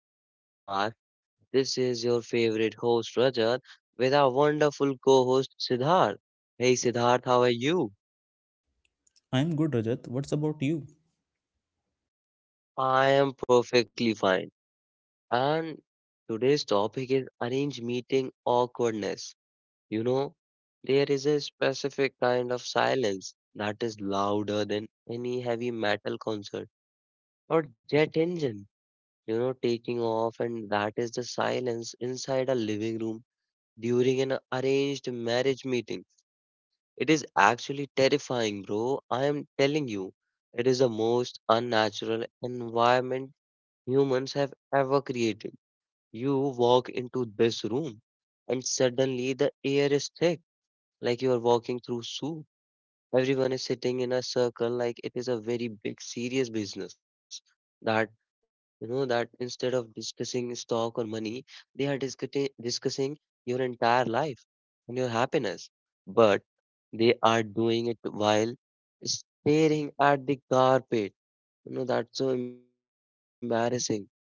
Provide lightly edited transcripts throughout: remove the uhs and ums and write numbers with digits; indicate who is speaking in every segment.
Speaker 1: our podcast. This is your favorite host, Rajat, with our wonderful co host, Siddharth. Hey, Siddharth, how are you?
Speaker 2: I'm good, Rajat. What's about you?
Speaker 1: I am perfectly fine. And today's topic is arrange meeting awkwardness. You know, there is a specific kind of silence that is louder than any heavy metal concert or jet engine, taking off, and that is the silence inside a living room during an arranged marriage meeting. It is actually terrifying, bro. I am telling you, it is the most unnatural environment humans have ever created. You walk into this room, and suddenly the air is thick, like you are walking through soup. Everyone is sitting in a circle like it is a very big serious business that, that instead of discussing stock or money, they are discussing your entire life and your happiness, but they are doing it while staring at the carpet. That's so embarrassing.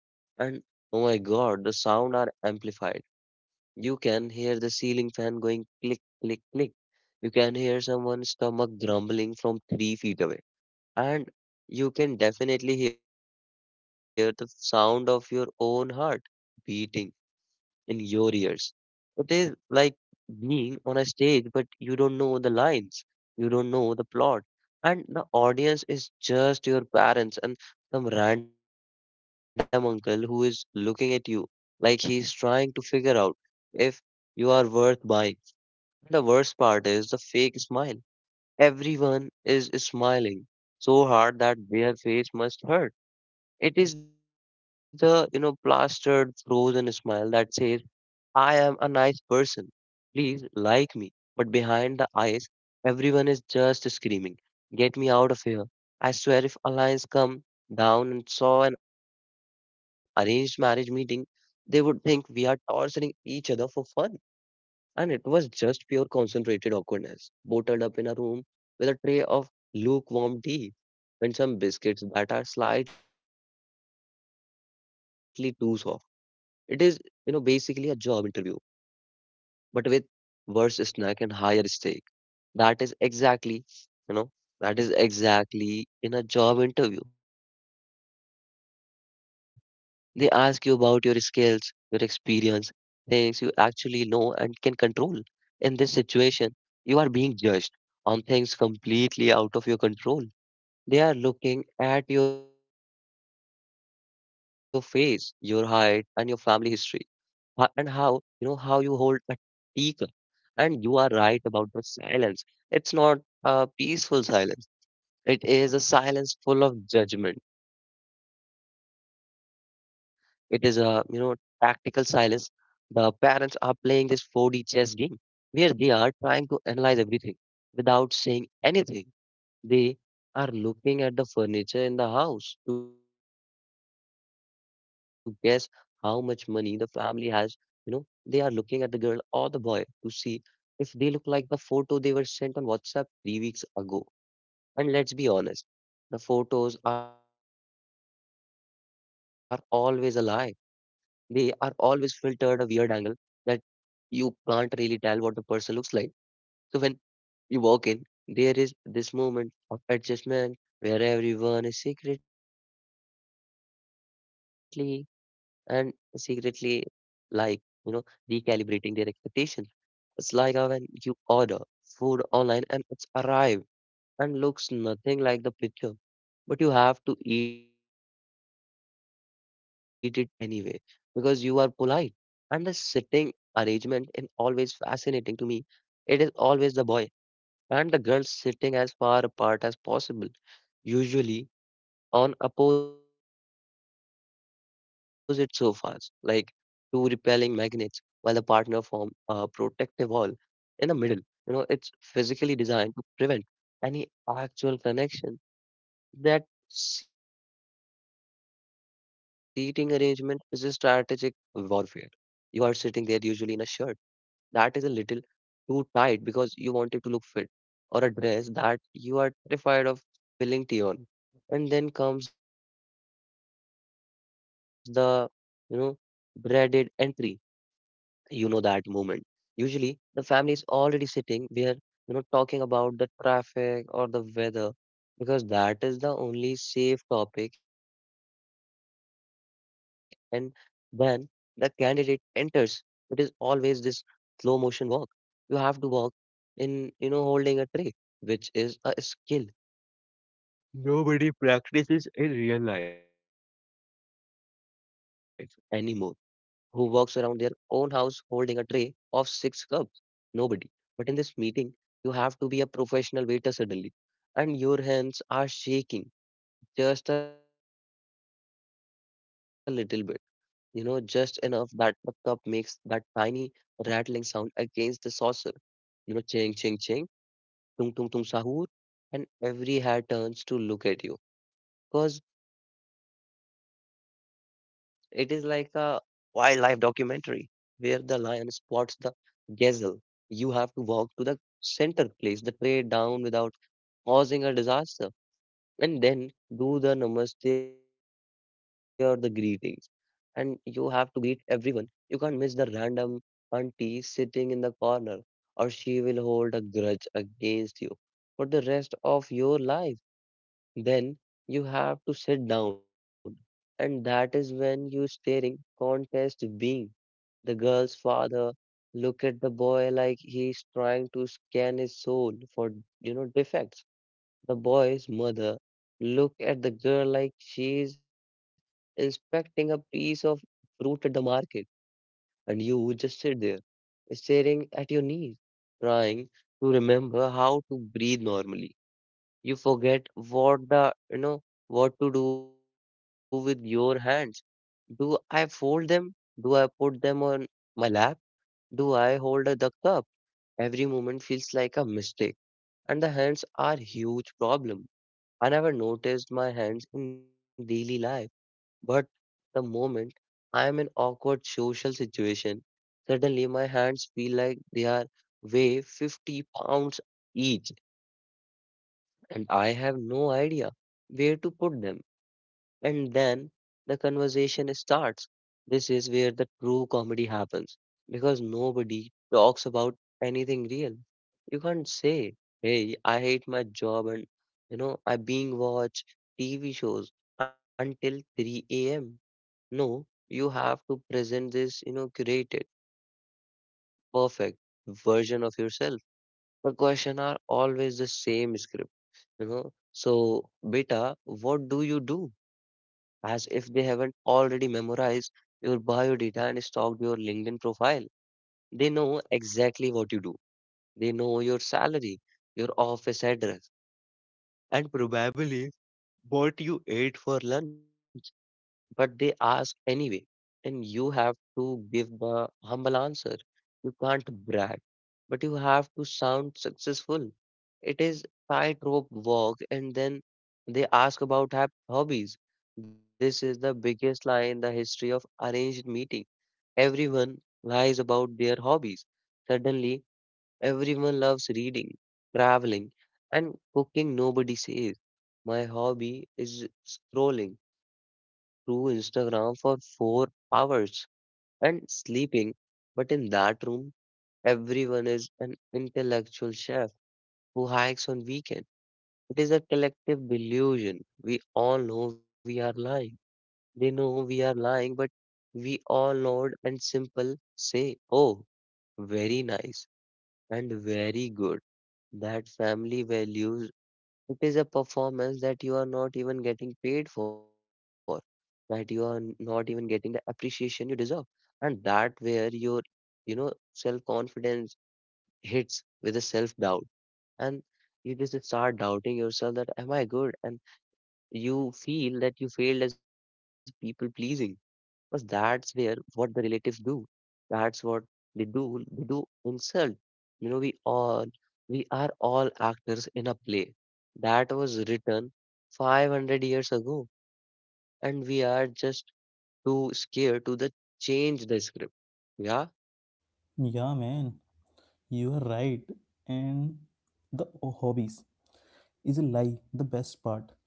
Speaker 1: And oh my god, the sound are amplified. You can hear the ceiling fan going click, click, click. You can hear someone's stomach grumbling from 3 feet away, and you can definitely hear the sound of your own heart beating in your ears. It is like being on a stage, but you don't know the lines, you don't know the plot, and the audience is just your parents and some random uncle who is looking at you like he's trying to figure out if you are worth buying. The worst part is the fake smile. Everyone is smiling so hard that their face must hurt. It is the, plastered, frozen smile that says, I am a nice person. Please like me. But behind the eyes, everyone is just screaming, get me out of here. I swear if alliance come down and saw an arranged marriage meeting, they would think we are torturing each other for fun. And it was just pure concentrated awkwardness, bottled up in a room with a tray of lukewarm tea and some biscuits that are slightly too soft. It is, basically a job interview, but with worse snack and higher stake. That is exactly, you know, in a job interview. They ask you about your skills, your experience, things you actually know and can control. In this situation, you are being judged on things completely out of your control. They are looking at your face, your height, and your family history, and how how you hold a teacup. And you are right about the silence. It's not a peaceful silence. It is a silence full of judgment. It is a, tactical silence. The parents are playing this 4D chess game where they are trying to analyze everything without saying anything. They are looking at the furniture in the house to guess how much money the family has. You know, they are looking at the girl or the boy to see if they look like the photo they were sent on WhatsApp 3 weeks ago. And let's be honest, the photos are always a lie. They are always filtered a weird angle that you can't really tell what the person looks like. So when you walk in, there is this moment of adjustment where everyone is secretly and secretly like, you know, recalibrating their expectations. It's like when you order food online and it's arrived and looks nothing like the picture, but you have to eat it anyway because you are polite. And the sitting arrangement is always fascinating to me. It is always the boy and the girl sitting as far apart as possible, usually on opposite sofas, like two repelling magnets, while the partner form a protective wall in the middle. It's physically designed to prevent any actual connection. That seating arrangement is a strategic warfare. You are sitting there usually in a shirt that is a little too tight because you want it to look fit, or a dress that you are terrified of spilling tea on. And then comes the, you know, dreaded entry. That moment, usually the family is already sitting where, talking about the traffic or the weather because that is the only safe topic. And when the candidate enters, it is always this slow motion walk. You have to walk in, holding a tray, which is a skill nobody practices in real life anymore. Who walks around their own house holding a tray of six cups? Nobody. But in this meeting, you have to be a professional waiter suddenly, and your hands are shaking just a little bit, just enough that the cup makes that tiny rattling sound against the saucer, ching, ching, ching, tung, tung, tung, sahur, and every head turns to look at you because it is like a wildlife documentary where the lion spots the gazelle. You have to walk to the center, place the tray down without causing a disaster, and then do the namaste or the greetings. And you have to greet everyone. You can't miss the random auntie sitting in the corner, or she will hold a grudge against you for the rest of your life. Then you have to sit down, and that is when you staring contest being the girl's father look at the boy like he's trying to scan his soul for defects. The boy's mother look at the girl like she's inspecting a piece of fruit at the market, and you just sit there staring at your knees, trying to remember how to breathe normally. You forget what the, what to do with your hands. Do I fold them? Do I put them on my lap? Do I hold the cup? Every moment feels like a mistake, and the hands are huge problem. I never noticed my hands in daily life, but the moment I am in awkward social situation, suddenly my hands feel like they are weigh 50 pounds each, and I have no idea where to put them. And then the conversation starts. This is where the true comedy happens because nobody talks about anything real. You can't say, hey, I hate my job and I being watch TV shows until 3 a.m. No, you have to present this, curated, perfect version of yourself. The question are always the same script. देखो, so beta, what do you do, as if they haven't already memorized your bio data and stalked your linkedin profile. They know exactly what you do. They know your salary, your office address, and probably what you ate for lunch, but they ask anyway, and you have to give the humble answer. You can't brag, but you have to sound successful. It is tightrope walk, and then they ask about hobbies. This is the biggest lie in the history of arranged meeting. Everyone lies about their hobbies. Suddenly, everyone loves reading, traveling, and cooking. Nobody says, my hobby is scrolling through Instagram for 4 hours and sleeping. But in that room, everyone is an intellectual chef who hikes on weekend. It is a collective delusion. We all know we are lying. They know we are lying, but we all nod and simple say, "Oh, very nice and very good." That family values. It is a performance that you are not even getting paid for, that you are not even getting the appreciation you deserve. And that where your, self-confidence hits with a self-doubt. And you just start doubting yourself that am I good? And you feel that you failed as people pleasing. Because that's where what the relatives do. That's what they do. They do insult. You know, we are all actors in a play that was written 500 years ago, and we are just too scared to the change the script. Yeah.
Speaker 2: Yeah, man, you are right. And the hobbies is a lie, the best part.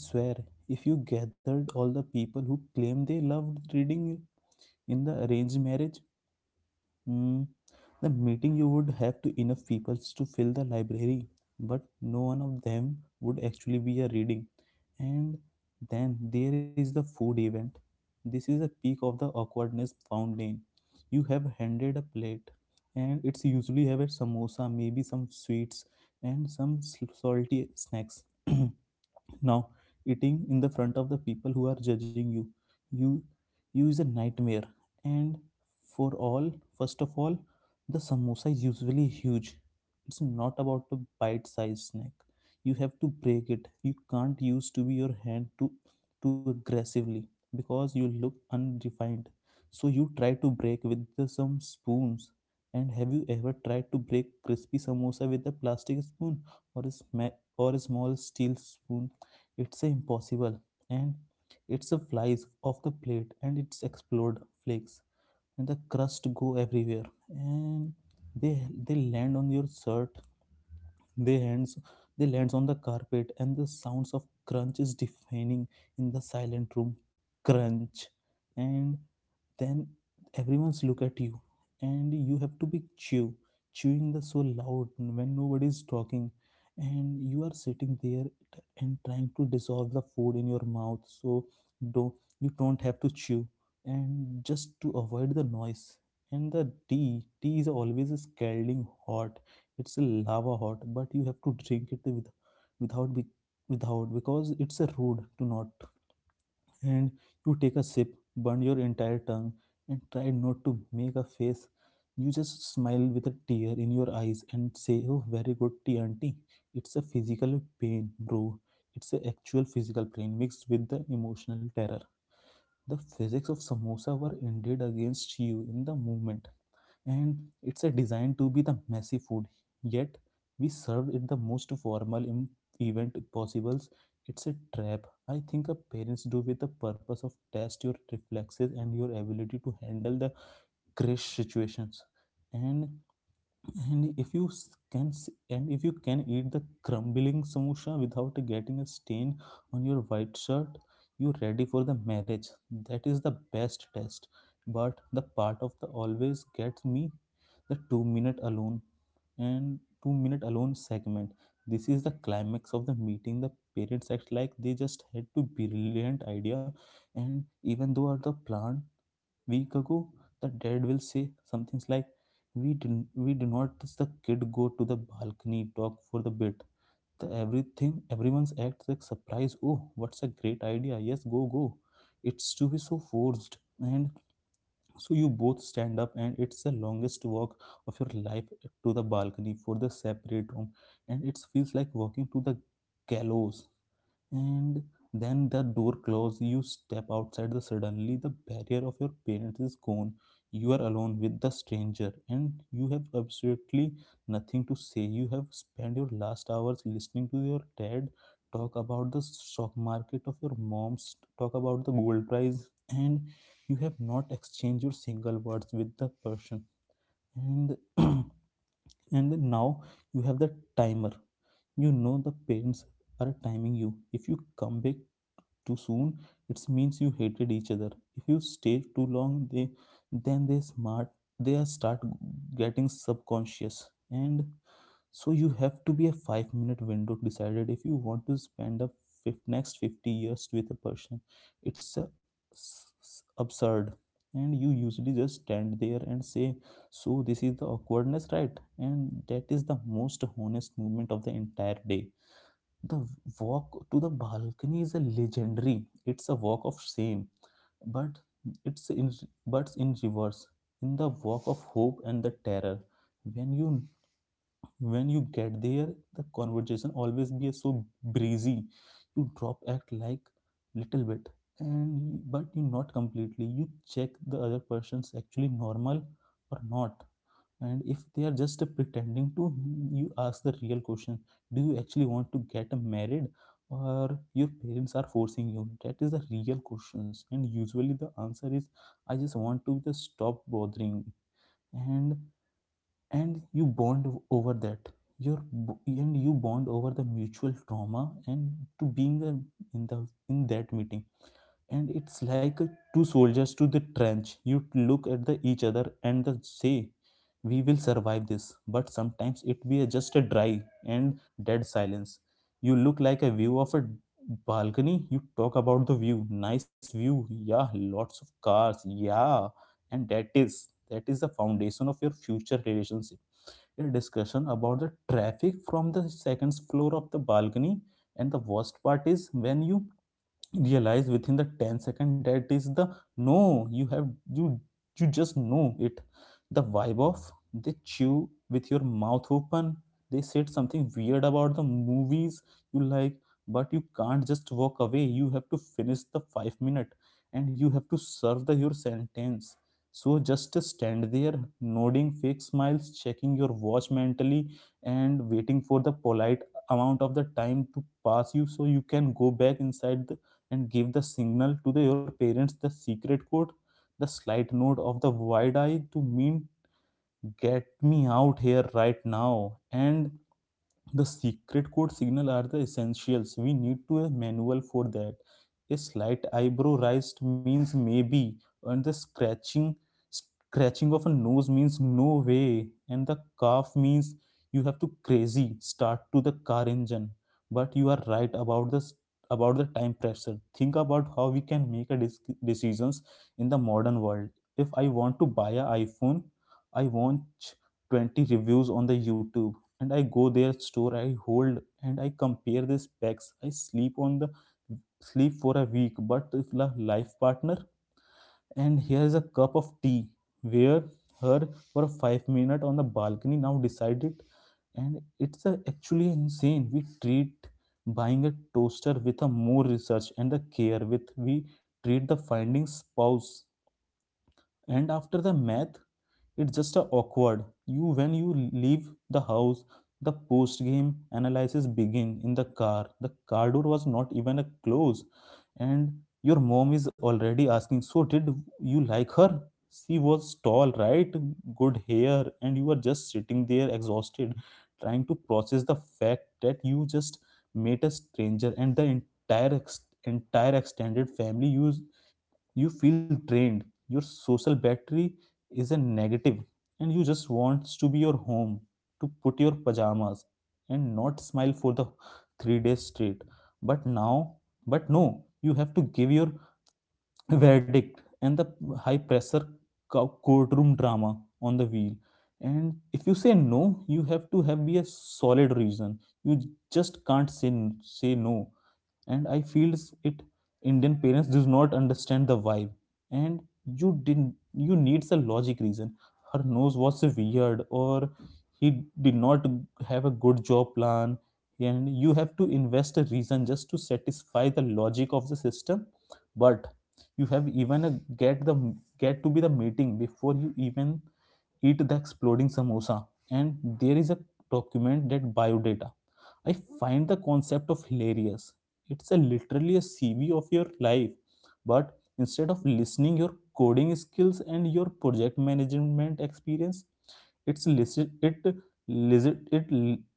Speaker 2: I swear, if you gathered all the people who claim they loved reading in the arranged marriage, Hmm. the meeting you would have to enough people to fill the library, but no one of them would actually be a reading. And then there is the food event. This is the peak of the awkwardness found in. You have handed a plate, and it's usually have a samosa, maybe some sweets, and some salty snacks. Now, eating in the front of the people who are judging you, you is a nightmare. And first of all, the samosa is usually huge. It's not about a bite-sized snack. You have to break it. You can't use to be your hand too aggressively because you look unrefined. So you try to break with some spoons. And have you ever tried to break crispy samosa with a plastic spoon or a small steel spoon? It's a impossible, and it's a flies off the plate, and it's explode flakes, and the crust go everywhere, and they they land on your shirt, they hands they lands on the carpet, and the sounds of crunch is deafening in the silent room. Crunch. And then everyone's look at you, and you have to be chewing the so loud when nobody is talking, and you are sitting there t- and trying to dissolve the food in your mouth so do you don't have to chew and just to avoid the noise. And the tea is always scalding hot. It's a lava hot, but you have to drink it without be, without, because it's a rude to not. And you take a sip, burn your entire tongue, and try not to make a face. You just smile with a tear in your eyes and say, "Oh, very good tea, auntie." It's a physical pain, bro. It's a actual physical pain mixed with the emotional terror. The physics of samosa were indeed against you in the movement, and it's a designed to be the messy food. Yet we served it the most formal event possible. It's a trap. I think a parents do with the purpose of test your reflexes and your ability to handle the crash situations. And and if you s- can s- and if you can eat the crumbling samosa without getting a stain on your white shirt, you're ready for the marriage. That is the best test. But the part of the always gets me, the 2 minute alone and 2 minute alone segment. This is the climax of the meeting. The parents act like they just had to brilliant idea, and even though the plan week ago, the dad will say something like, "We do not let the kid go to the balcony talk for the bit." Everyone's acts like surprise. Oh, what's a great idea! Yes, go go. It's to be so forced, and so you both stand up, and it's the longest walk of your life to the balcony for the separate room, and it feels like walking to the gallows. And then the door closes, you step outside, the suddenly the barrier of your parents is gone. You are alone with the stranger, and you have absolutely nothing to say. You have spent your last hours listening to your dad talk about the stock market of your mom's talk about the gold price, and you have not exchanged your single words with the person. And and now you have the timer. You know the parents are timing you. If you come back too soon, it means you hated each other. If you stay too long, they then they smart they are start getting subconscious. And so you have to be a 5 minute window decided if you want to spend the next 50 years with a person. It's a absurd. And you usually just stand there and say, so this is the awkwardness, right? And that is the most honest moment of the entire day. The walk to the balcony is a legendary. It's a walk of shame, but it's in but in reverse. In the walk of hope and the terror. When you when you get there, the conversation always be so breezy. You drop act like little bit, and but you not completely. You check the other person's actually normal or not, and if they are just pretending to him, you ask the real question, do you actually want to get married or your parents are forcing you? That is the real questions. And usually the answer is, I just want to just stop bothering me. and and you bond over that. Your bo- and You bond over the mutual trauma and to being a, in that meeting. And it's like a two soldiers to the trench, you look at the each other and the say, we will survive this. But sometimes it be a just a dry and dead silence. You look like a view of a balcony. You talk about the view. Nice view. Yeah, lots of cars, yeah. And that is the foundation of your future relationship, a discussion about the traffic from the second floor of the balcony. And the worst part is when you realize within the 10 second that is the no. You have you you just know it. The vibe of, they chew with your mouth open, they said something weird about the movies you like. But you can't just walk away, you have to finish the 5 minute, and you have to serve the your sentence. So just stand there nodding, fake smiles, checking your watch mentally, and waiting for the polite amount of the time to pass you so you can go back inside and give the signal to your parents, the secret code, the slight nod of the wide eye to mean, get me out here right now. And the secret code signal are the essentials. We need to a manual for that. A slight eyebrow raised means maybe, and the scratching of a nose means no way, and the cough means you have to crazy start to the car engine. But you are right about this, about the time pressure. Think about how we can make a decisions in the modern world. If I want to buy a iPhone, I want 20 reviews on the YouTube, and I go their store, I hold and I compare these packs. I sleep on the sleep for a week. But if la life partner, and here is a cup of tea where her for 5 minute on the balcony now decided. And it's actually insane we treat buying a toaster with a more research and the care with we treat the finding spouse. And after the math, it's just a awkward you when you leave the house. The post game analysis begin in the car. The car door was not even a close, and your mom is already asking, so did you like her? She was tall, right? Good hair. And you are just sitting there exhausted, trying to process the fact that you just met a stranger and the entire extended family. You feel drained. Your social battery is a negative. And you just wants to be your home, to put your pajamas and not smile for the 3 days straight. But now but no you have to give your verdict. And the high pressure courtroom drama on the wheel. And if you say no, you have to have be a solid reason. You just can't say no. And I feels it, Indian parents does not understand the vibe. And you didn't you needs a logic reason, her nose was weird or he did not have a good job plan. And you have to invest a reason just to satisfy the logic of the system. But you have even a get the get to be the meeting before you even eat the exploding samosa. And there is a document that biodata, I find the concept of hilarious. It's a literally a CV of your life, but instead of listening, your coding skills and your project management experience it's list it list it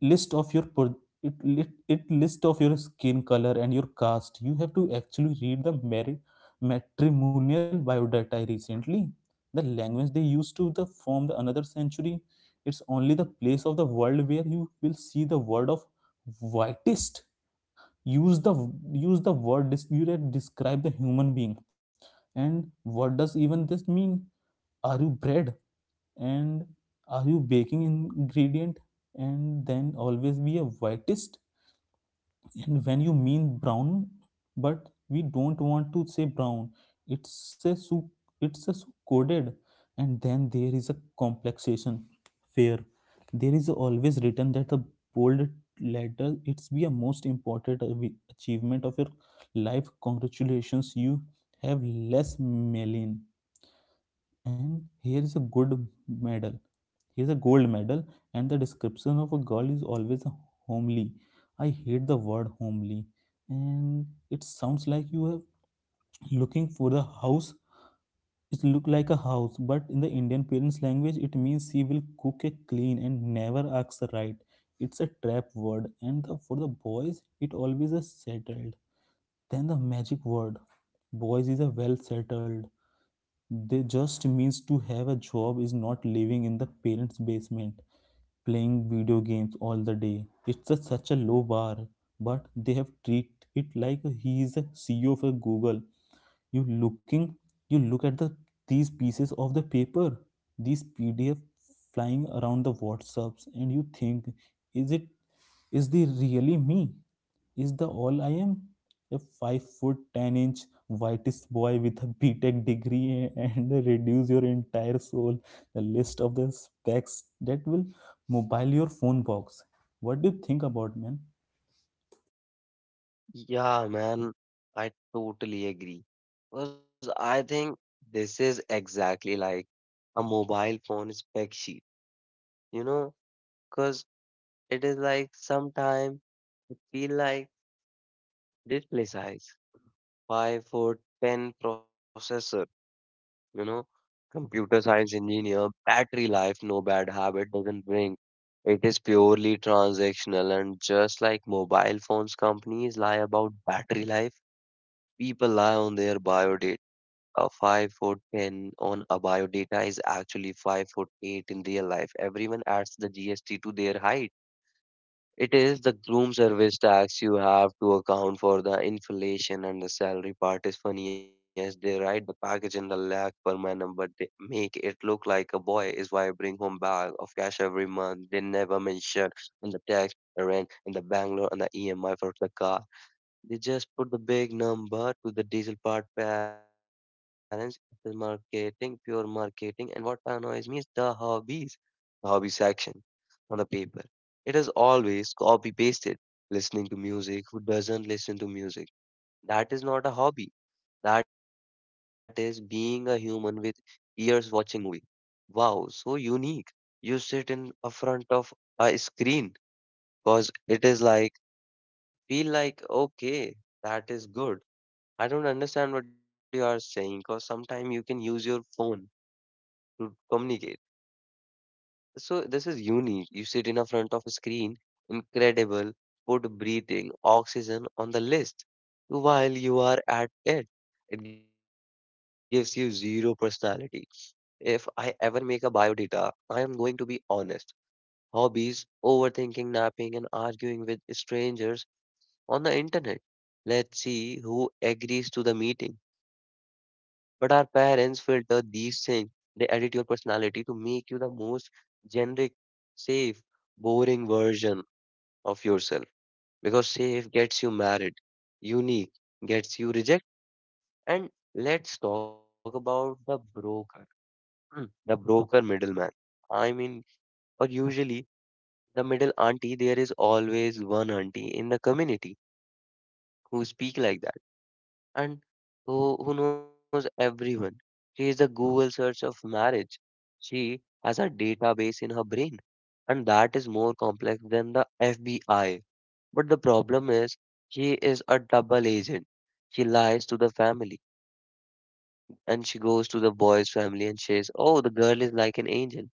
Speaker 2: list of your pro, it, it list of your skin color and your caste. You have to actually read the marriage matrimonial biodata. I recently... the language they used to the form the another century. It's only the place of the world where you will see the word of whitest, use the use the word you describe the human being. And what does even this mean? Are you bred? And are you baking ingredient? And then always be a whitest, and when you mean brown, but we don't want to say brown. it's a so it's a so coded. And then there is a complexation, fair. There is always written that the bold letter it's be a most important achievement of your life. Congratulations, you have less melanin, and here is a good medal Here's a gold medal, and the description of a girl is always homely. I hate the word homely, and it sounds like you are looking for the house. It look like a house, but in the Indian parents' language, it means she will cook a clean and never asks right. It's a trap word, for the boys, it always is settled. Then the magic word, boys is a well settled. They just means to have a job is not living in the parents' basement playing video games all the day. It's such a low bar, but they have treated it like he is a CEO of a Google. you looking you look at these pieces of the paper, these pdf flying around the whatsapps, and you think, is it is the really me? Is the all I am a 5 foot 10-inch whitest boy with a B Tech degree? And reduce your entire soul, the list of the specs that will mobile your phone box. What do you think about, man?
Speaker 1: Yeah, man, I totally agree. Because I think this is exactly like a mobile phone spec sheet, you know? Cause. It is like sometime it feel like display size, 5 foot 10 processor, you know, computer science engineer, battery life, no bad habit doesn't bring. It is purely transactional, and just like mobile phones companies lie about battery life, people lie on their bio data. 5 foot 10 on a bio data is actually 5 foot 8 in real life. Everyone adds the GST to their height. It is the groom service tax. You have to account for the inflation, and the salary part is funny as they write the package in the lakh per manum, but they make it look like a boy is why I bring home bag of cash every month. They never mention in the tax, the rent, and the Bangalore and the EMI for the car. They just put the big number to the diesel part parents. It is marketing, pure marketing. And what annoys me is the hobbies, the hobby section on the paper. It is always copy pasted. Listening to music, who doesn't listen to music? That is not a hobby. That is being a human with ears watching movie. Wow, so unique. You sit in a front of a screen because it is like feel like okay, that is good I don't understand what you are saying because sometimes you can use your phone to communicate. So this is unique. You sit in a front of a screen, incredible, put breathing oxygen on the list while you are at it. It gives you zero personality. If I ever make a bio data, I am going to be honest. Hobbies, overthinking, napping, and arguing with strangers on the internet. Let's see who agrees to the meeting. But our parents filter these things. They edit your personality to make you the most generic, safe, boring version of yourself. Because safe gets you married, unique gets you rejected. And let's talk about the broker. The broker middleman. I mean, or usually the middle auntie, there is always one auntie in the community who speak like that and who knows everyone. She is a Google search of marriage. She has a database in her brain, and that is more complex than the FBI. But the problem is, she is a double agent. She lies to the family, and she goes to the boy's family and says, "Oh, the girl is like an angel.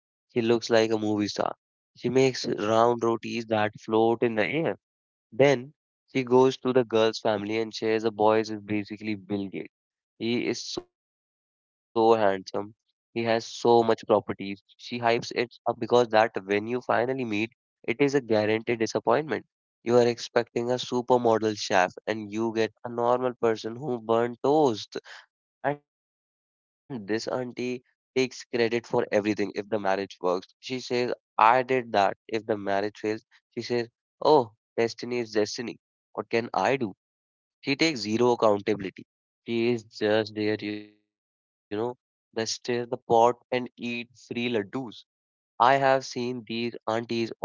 Speaker 1: She looks like a movie star. She makes round rotis that float in the air." Then she goes to the girl's family and shares the boy is basically Bill Gates. He is so handsome. He has so much properties. She hypes it up because that when you finally meet, it is a guaranteed disappointment. You are expecting a supermodel chef and you get a normal person who burned toast. And this auntie takes credit for everything if the marriage works. She says, "I did that." If the marriage fails, she says, "Oh, destiny is destiny. What can I do?" She takes zero accountability. She is just there, they stir the pot and eat free laddus. I have seen these aunties operate.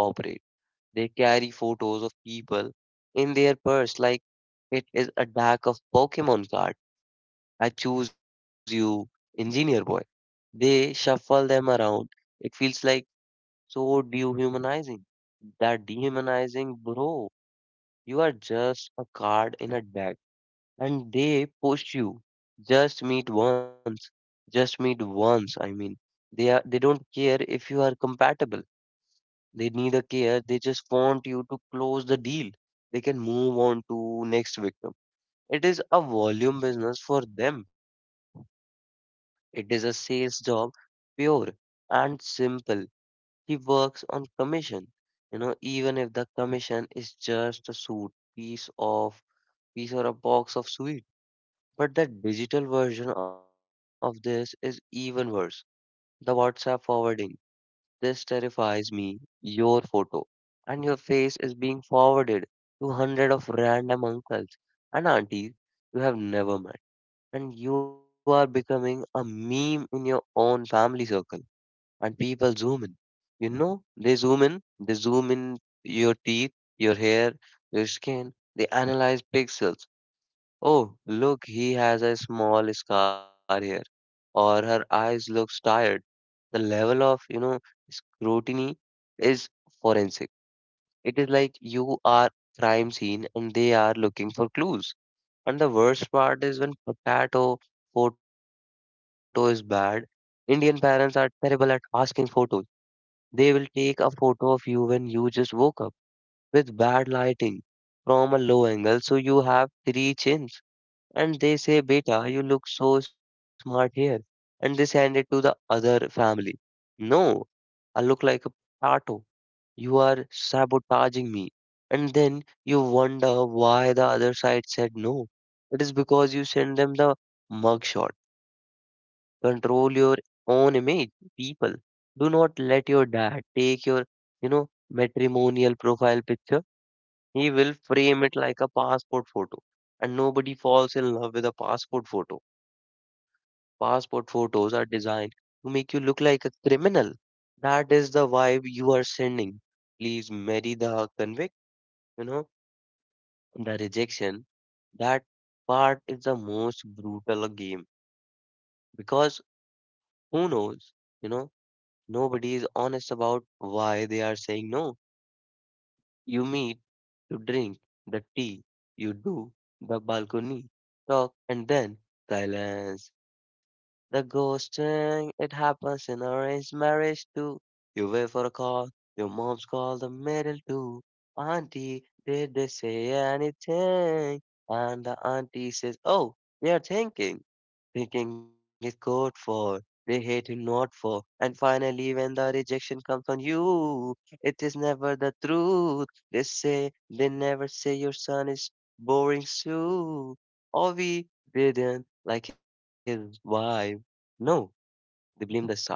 Speaker 1: They carry photos of people in their purse like it is a deck of Pokemon cards. I choose you, engineer boy. They shuffle them around. It feels like so dehumanizing. That dehumanizing, bro. You are just a card in a deck, and they push you. Just meet once. Just meet once. I mean, they are. They don't care if you are compatible. They neither care. They just want you to close the deal. They can move on to next victim. It is a volume business for them. It is a sales job, pure and simple. He works on commission. You know, even if the commission is just a suit, piece of piece or a box of sweet. But the digital version of this is even worse. The WhatsApp forwarding. This terrifies me. Your photo and your face is being forwarded to hundred of random uncles and aunties you have never met, and you are becoming a meme in your own family circle, and people zoom in, they zoom in, they zoom in your teeth, your hair, your skin. They analyze pixels. Oh, look, he has a small scar here, or her eyes looks tired. The level of scrutiny is forensic. It is like you are crime scene and they are looking for clues. And the worst part is when potato photo is bad, Indian parents are terrible at asking photos. They will take a photo of you when you just woke up with bad lighting from a low angle, so you have three chins. And they say, "Beta, you look so smart here." And they send it to the other family. No, I look like a potato. You are sabotaging me. And then you wonder why the other side said no. It is because you send them the mugshot. Control your own image, people. Do not let your dad take your, matrimonial profile picture. He will frame it like a passport photo. And nobody falls in love with a passport photo. Passport photos are designed to make you look like a criminal. That is the vibe you are sending. Please marry the convict. you know, the rejection. That part is the most brutal game because who knows, you know, nobody is honest about why they are saying no. You meet to drink the tea. You do the balcony talk and then silence. The ghosting, it happens in arranged marriage too. You wait for a call, your mom's call the middle too. Auntie, did they say anything? And the auntie says, "Oh, they're thinking." Thinking is good for, they hate him not for. And finally, when the rejection comes on you, it is never the truth. They say, they never say your son is boring Sue. Or we didn't like his wife. No, they blame the stars.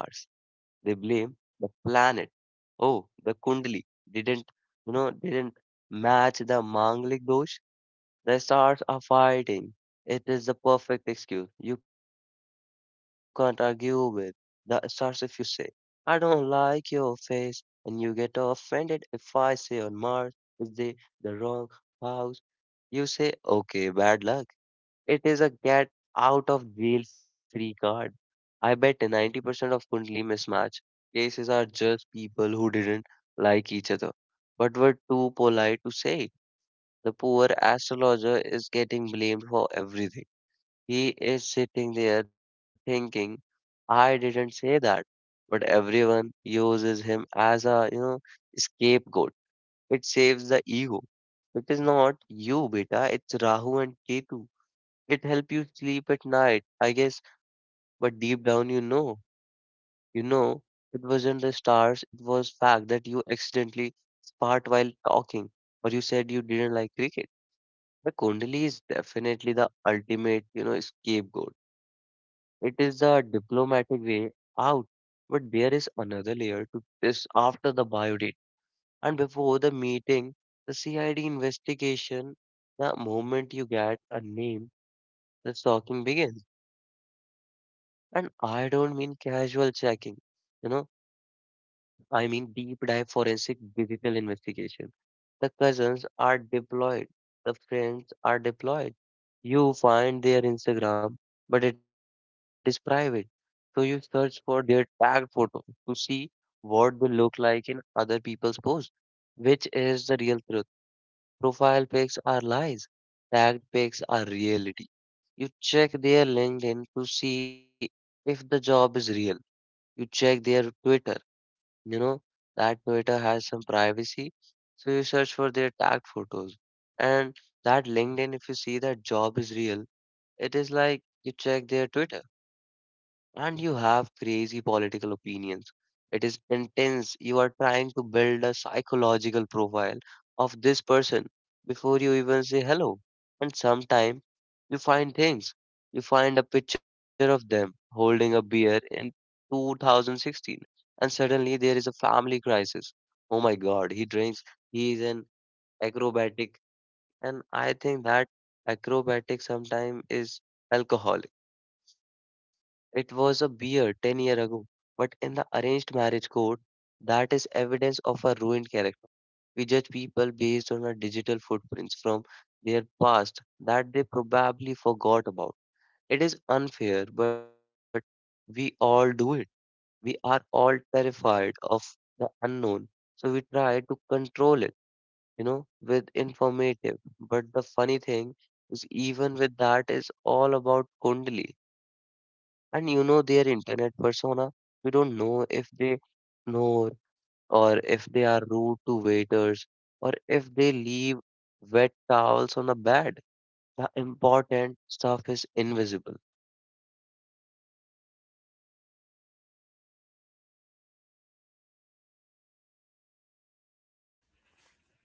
Speaker 1: They blame the planet. Oh, the Kundali didn't, didn't match the Manglik dosh. The stars are fighting. It is the perfect excuse. You can't argue with the stars. If you say, "I don't like your face," and you get offended, if I say on Mars is the wrong house, you say, okay, bad luck. It is a get out of jail free card. I bet 90% of Kundli mismatch cases are just people who didn't like each other but were too polite to say. The poor astrologer is getting blamed for everything. He is sitting there thinking, "I didn't say that." But everyone uses him as a, scapegoat. It saves the ego. It is not you, beta. It's Rahu and Ketu. It helps you sleep at night, I guess. But deep down, you know, it wasn't the stars. It was fact that you accidentally sparred while talking, or you said you didn't like cricket. The Kundali is definitely the ultimate, scapegoat. It is a diplomatic way out, but there is another layer to this after the bio date and before the meeting, the CID investigation. The moment you get a name, the stalking begins, and I don't mean casual checking. You know, I mean, deep dive forensic digital investigation. The cousins are deployed, the friends are deployed. You find their Instagram, but it is private. So you search for their tagged photo to see what they look like in other people's posts, which is the real truth. Profile pics are lies, tagged pics are reality. You check their LinkedIn to see if the job is real. You check their Twitter, you know, that Twitter has some privacy. So you search for their tagged photos. And that LinkedIn, if you see that job is real, it is like you check their Twitter and you have crazy political opinions. It is intense. You are trying to build a psychological profile of this person before you even say hello. And sometimes you find things. You find a picture of them holding a beer in 2016, and suddenly there is a family crisis. Oh my god, he drinks, he is an acrobatic, and I think that acrobatic sometimes is alcohol. It was a beer 10 year ago, but in the arranged marriage code, that is evidence of a ruined character. We judge people based on our digital footprints from their past that they probably forgot about. It is unfair, but we all do it. We are all terrified of the unknown, so we try to control it, with informative. But the funny thing is, even with that, is all about Kundali and their internet persona. You don't know if they know, or if they are rude to waiters, or if they leave wet towels on the bed. The important stuff is invisible.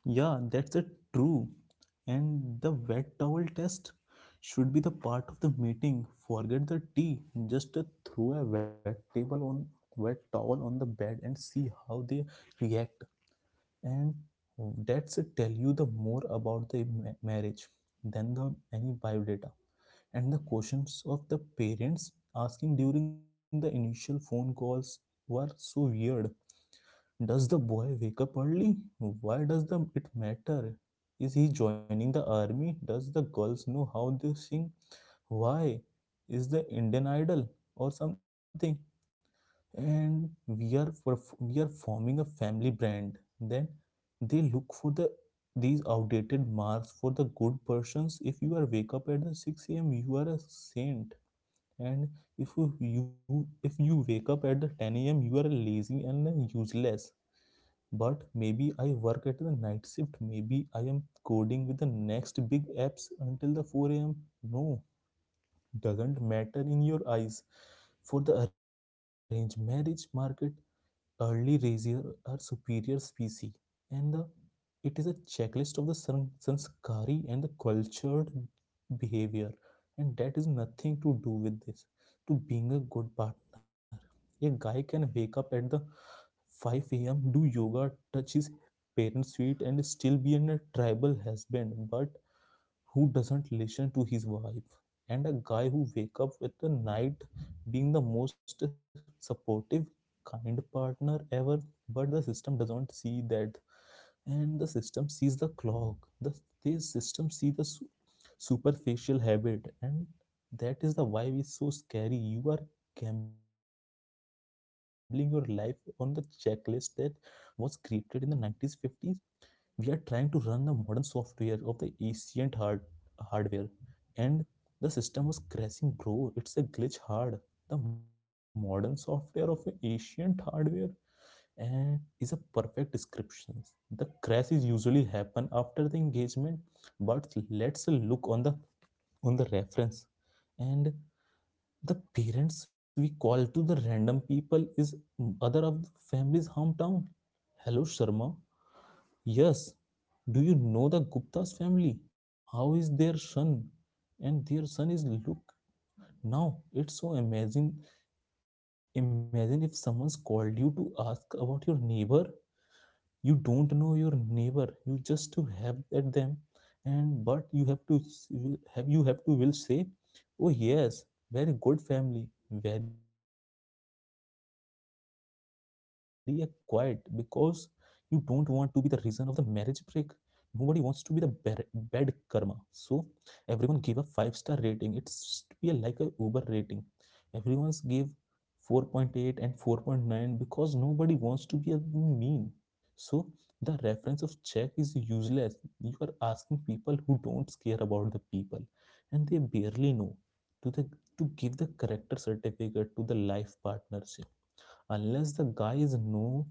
Speaker 2: Yeah, that's a true. And the wet towel test should be the part of the meeting. Forget the tea. Just throw a wet table on wet towel on the bed and see how they react. And that's tell you the more about the marriage than the any biodata. And the questions of the parents asking during the initial phone calls were so weird. Does the boy wake up early? Why does the it matter? Is he joining the army? Does the girls know how they sing? Why? Is the Indian Idol or something? And we are forming a family brand. Then they look for the these outdated marks for the good persons. If you are wake up at the 6 a.m., you are a saint. And if if you wake up at the 10 a.m., you are lazy and useless, but maybe I work at the night shift. Maybe I am coding with the next big apps until the 4 a.m. No, doesn't matter in your eyes. For the arranged marriage market, early razier are superior species, and the, it is a checklist of the sanskari and the cultured behavior, and that is nothing to do with this to being a good partner. A guy can wake up at the 5 a.m, do yoga, touch his parents feet, and still be in a tribal husband but who doesn't listen to his wife, and a guy who wake up with the night being the most supportive kind partner ever. But the system doesn't see that, and the system sees the clock, the this system sees the superficial habit, and that is the why it's so scary. You are gambling your life on the checklist that was created in the 90s, 50s. We are trying to run the modern software of the ancient hardware, and the system was crashing, bro. It's a glitch hard. The modern software of ancient hardware and is a perfect description. The crashes usually happen after the engagement, but let's look on the reference. And the parents we call to the random people is other of the family's hometown. Hello, Sharma. Yes. Do you know the Gupta's family? How is their son? And their son is look now. It's so amazing. Imagine if someone's called you to ask about your neighbor. You don't know your neighbor, you just to have at them, and but you have to s- will- have you have to will say, oh yes, very good family, very quiet, because you don't want to be the reason of the marriage break. Nobody wants to be the bad karma. So everyone give a five-star rating. It's be like a uber rating. Everyone's give 4.8 and 4.9 because nobody wants to be a mean. So the reference of check is useless. You are asking people who don't care about the people and they barely know to the to give the character certificate to the life partnership. Unless the guy is no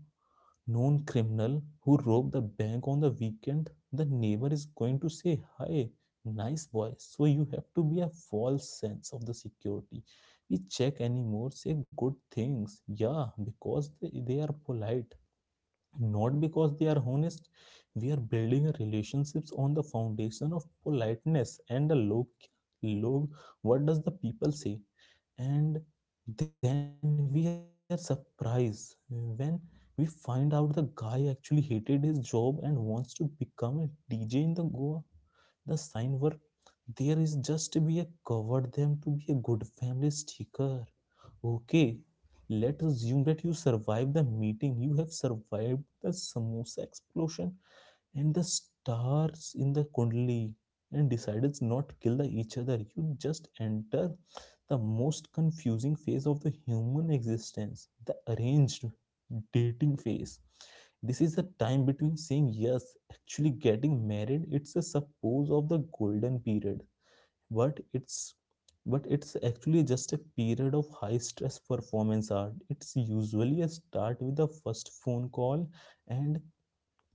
Speaker 2: known criminal who robbed the bank on the weekend, the neighbor is going to say, hi, nice boy. So you have to be a false sense of the security. We check anymore, say good things. Yeah, because they are polite, not because they are honest. We are building relationships on the foundation of politeness and the log, log what does the people say. And then we are surprised when we find out the guy actually hated his job and wants to become a dj in the goa. The sign work there is just to be a cover them to be a good family sticker. Okay, let's assume that you survived the meeting. You have survived the samosa explosion and the stars in the kundli and decided not to kill the each other. You just enter the most confusing phase of the human existence, the arranged dating phase. This is the time between saying yes, actually getting married. It's a suppose of the golden period, but it's but it's actually just a period of high stress performance art. It's usually a start with the first phone call, and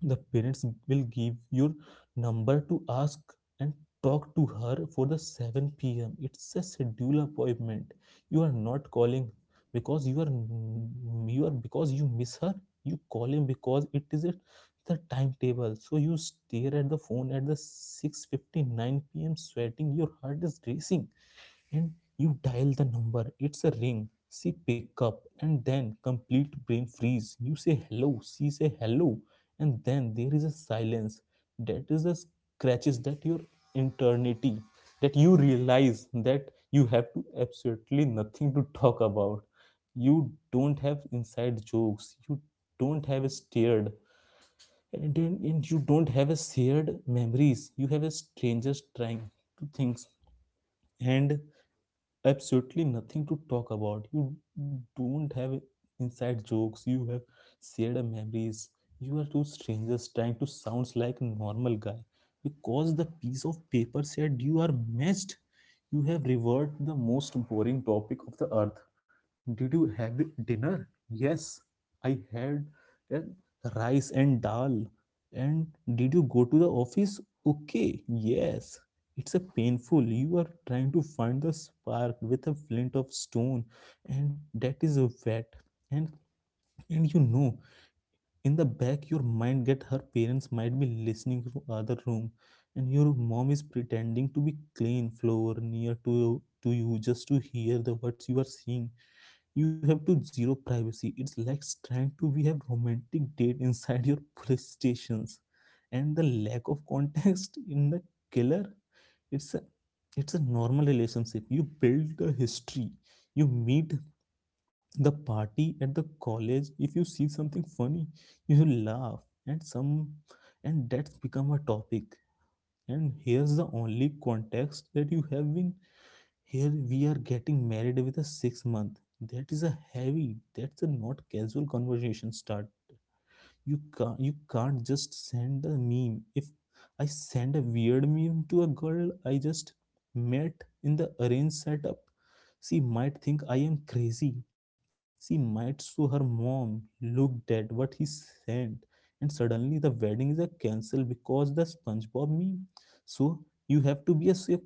Speaker 2: the parents will give your number to ask, and talk to her for the 7 p.m. It's a schedule appointment. You are not calling because you are because you miss her. You calling because it is at the timetable. So you stare at the phone at the 6:59 p.m. sweating. Your heart is racing, and you dial the number. It's a ring, she pick up, and then complete brain freeze. You say hello, she say hello, and then there is a silence. That is the scratches that your eternity, that you realize that you have to absolutely nothing to talk about. You don't have inside jokes, you don't have a stirred, and you don't have a shared memories. You have a strangers trying to things, and absolutely nothing to talk about. You don't have inside jokes, you have shared memories. You are two strangers trying to sound like a normal guy. Because the piece of paper said you are matched, you have reverted to the most boring topic of the earth. Did you have dinner? Yes, I had uh, rice and dal. And did you go to the office? Okay, yes. It's a painful. You are trying to find the spark with a flint of stone, and that is wet. And and you know, in the back, your mind get her parents might be listening from other room, and your mom is pretending to be clean floor near to you just to hear the words you are seeing. You have to zero privacy. It's like trying to be a romantic date inside your police stations, and the lack of context in the killer. it's a it's a normal relationship. You build the history, you meet the party at the college. If you see something funny, you laugh, and some and that's become a topic. And here's the only context that you have been, here we are getting married with a 6 month. That is a heavy, that's a not casual conversation start. You can't just send a meme. If I send a weird meme to a girl I just met in the arranged setup, she might think I am crazy. She might show her mom, looked at what he sent, and suddenly the wedding is a cancel because the spongebob meme. So you have to be a safe,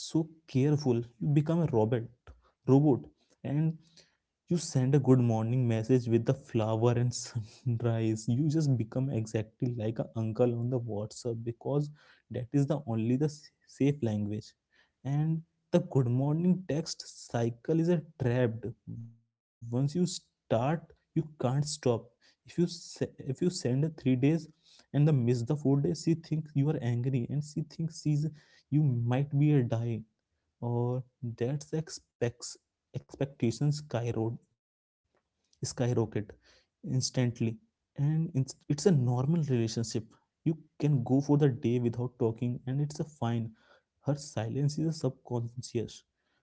Speaker 2: so careful you become a robot, and you send a good morning message with the flower and sunrise. You just become exactly like an uncle on the whatsapp, because that is the only the safe language. And the good morning text cycle is a trapped. Once you start, you can't stop. If you send a 3 days and the miss the 4 days, she thinks you are angry, and she thinks she's you might be a die, or that's expects expectations skyrocket instantly. And it's a normal relationship. You can go for the day without talking and it's a fine. Her silence is a subconscious,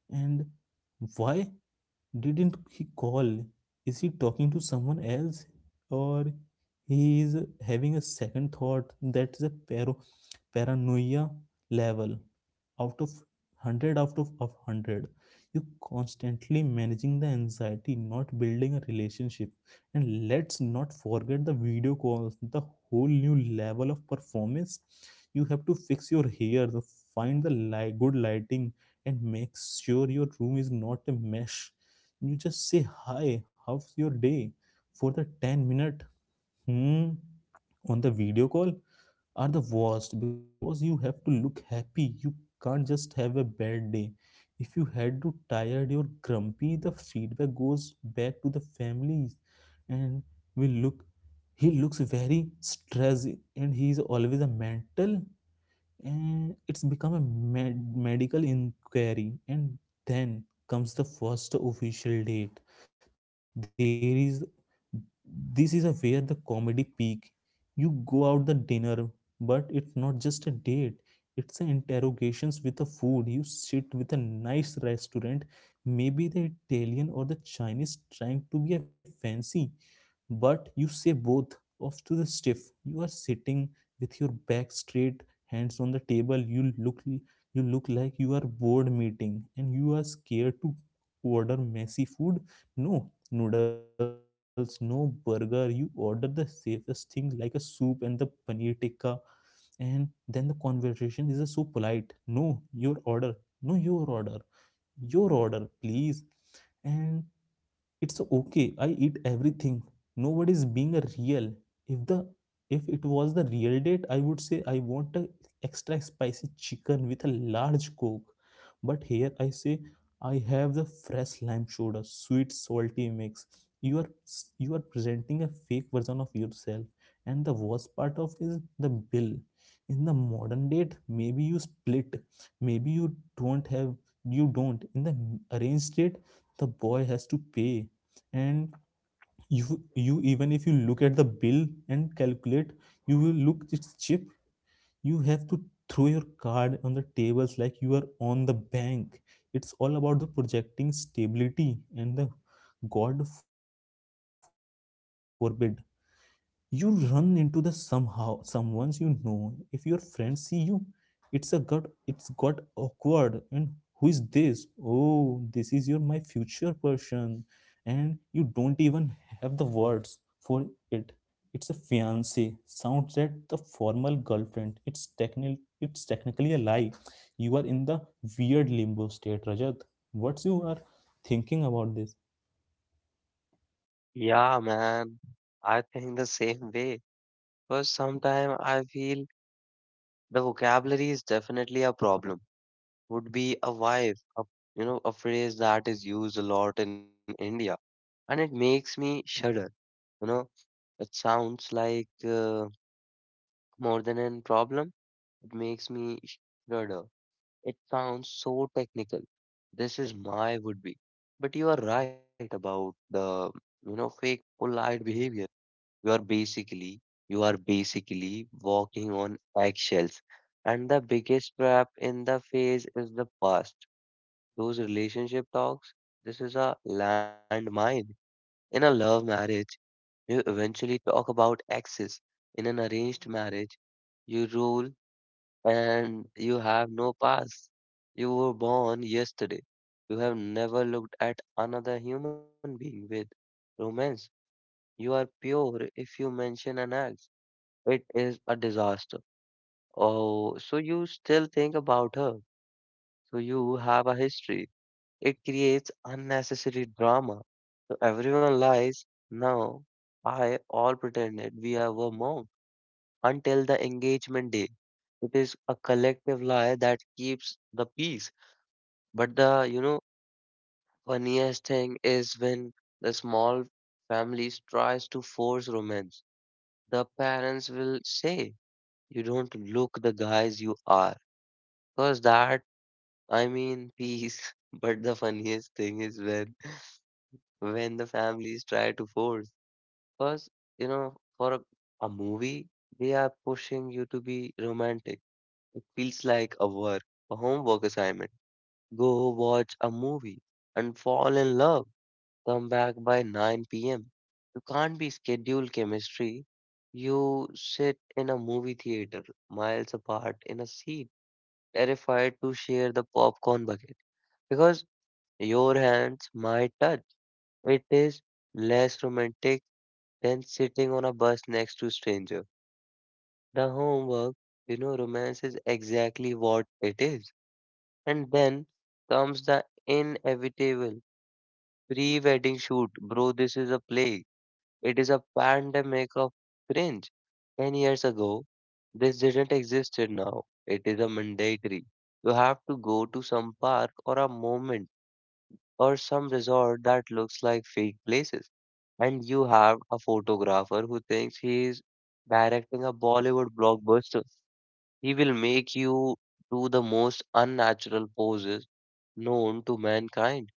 Speaker 2: and why didn't he call? Is he talking to someone else? Or he is having a second thought? That is a paranoia level out of 100 out of 100. You constantly managing the anxiety, not building a relationship. And let's not forget the video calls, the whole new level of performance. You have to fix your hair, good lighting, and make sure your room is not a mesh. You just say hi, how's your day, for the 10 minute. hmm on the video call are the worst because you have to look happy. You can't just have a bad day. If you had to tired or grumpy, the feedback goes back to the families, and will look, he looks very stressed, and he is always a mental, and it's become a medical inquiry. And then comes the first official date. There is This is a where the comedy peak. You go out the dinner, but it's not just a date, it's an interrogations with the food. You sit with a nice restaurant, maybe the italian or the chinese, trying to be a fancy, but you say both off to the stiff. You are sitting with your back straight, hands on the table. You look like you are board meeting, and you are scared to order messy food. No noodles, no burger. You order the safest thing, like a soup and the paneer tikka. And then the conversation is so polite. No, your order. No, your order. Your order, please. And it's okay, I eat everything. Nobody's being a real. if the if it was the real date, I would say I want a extra spicy chicken with a large coke, but here I say I have the fresh lime soda sweet salty mix. you are you are presenting a fake version of yourself. And the worst part of is the bill. In the modern date maybe you split, maybe don't have you don't, in the arranged date the boy has to pay. And you, even if you look at the bill and calculate, you will look it's cheap. You have to throw your card on the tables like you are on the bank. It's all about the projecting stability, and the god forbid you run into the somehow someone's, you know, if your friends see you, it's a gut it's got awkward. And who is this? Oh, this is your my future person. And you don't even have the words for it. It's a fiance, sounds like the formal girlfriend. It's technically a lie. You are in the weird limbo state, Rajat. What's you are thinking about this?
Speaker 1: Yeah, man. I think the same way. Because sometimes I feel the vocabulary is definitely a problem. Would be a wife, a, a phrase that is used a lot in India, and it makes me shudder. You know, it sounds like. More than a problem, it makes me shudder. It sounds so technical. This is my would be. But you are right about the, fake polite behavior. You are basically, you are basically walking on eggshells. And the biggest trap in the phase is the past. Those relationship talks, this is a landmine. In a love marriage, you eventually talk about exes. In an arranged marriage, you roll and you have no past. You were born yesterday. You have never looked at another human being with romance. You are pure. If you mention an ex, it is a disaster. Oh, so you still think about her. So you have a history. It creates unnecessary drama. So everyone lies. Now, I all pretended we have a mom until the engagement day. It is a collective lie that keeps the peace. But the, funniest thing is when the small families tries to force romance. The parents will say, "You don't look the guys you are." Cause that, I mean, peace. But the funniest thing is when the families try to force. Cause you know, for a movie, they are pushing you to be romantic. It feels like a work, a homework assignment. Go watch a movie and fall in love. Come back by 9 p.m. You can't be scheduled chemistry. You sit in a movie theater, miles apart in a seat, terrified to share the popcorn bucket because your hands might touch. It is less romantic than sitting on a bus next to stranger. The homework, romance is exactly what it is. And then comes the inevitable pre-wedding shoot. Bro, this is a plague. It is a pandemic of cringe. 10 years ago, this didn't exist now. It is a mandatory. You have to go to some park or a moment or some resort that looks like fake places. And you have a photographer who thinks he is directing a Bollywood blockbuster. He will make you do the most unnatural poses known to mankind.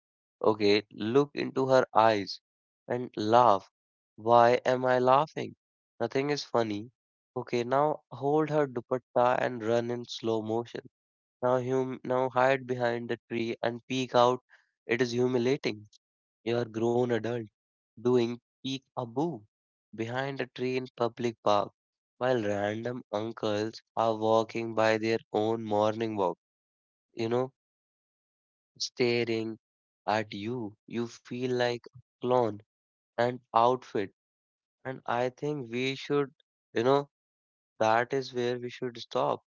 Speaker 1: Okay, look into her eyes and laugh. Why am I laughing? Nothing is funny. Okay, now hold her dupatta and run in slow motion. Now hum now hide behind the tree and peek out. It is humiliating. You are grown adult doing peek-a-boo behind a tree in public park while random uncles are walking by their own morning walk, you know, staring at you. You feel like a clown and outfit. And I think we should, you know, that is where we should stop.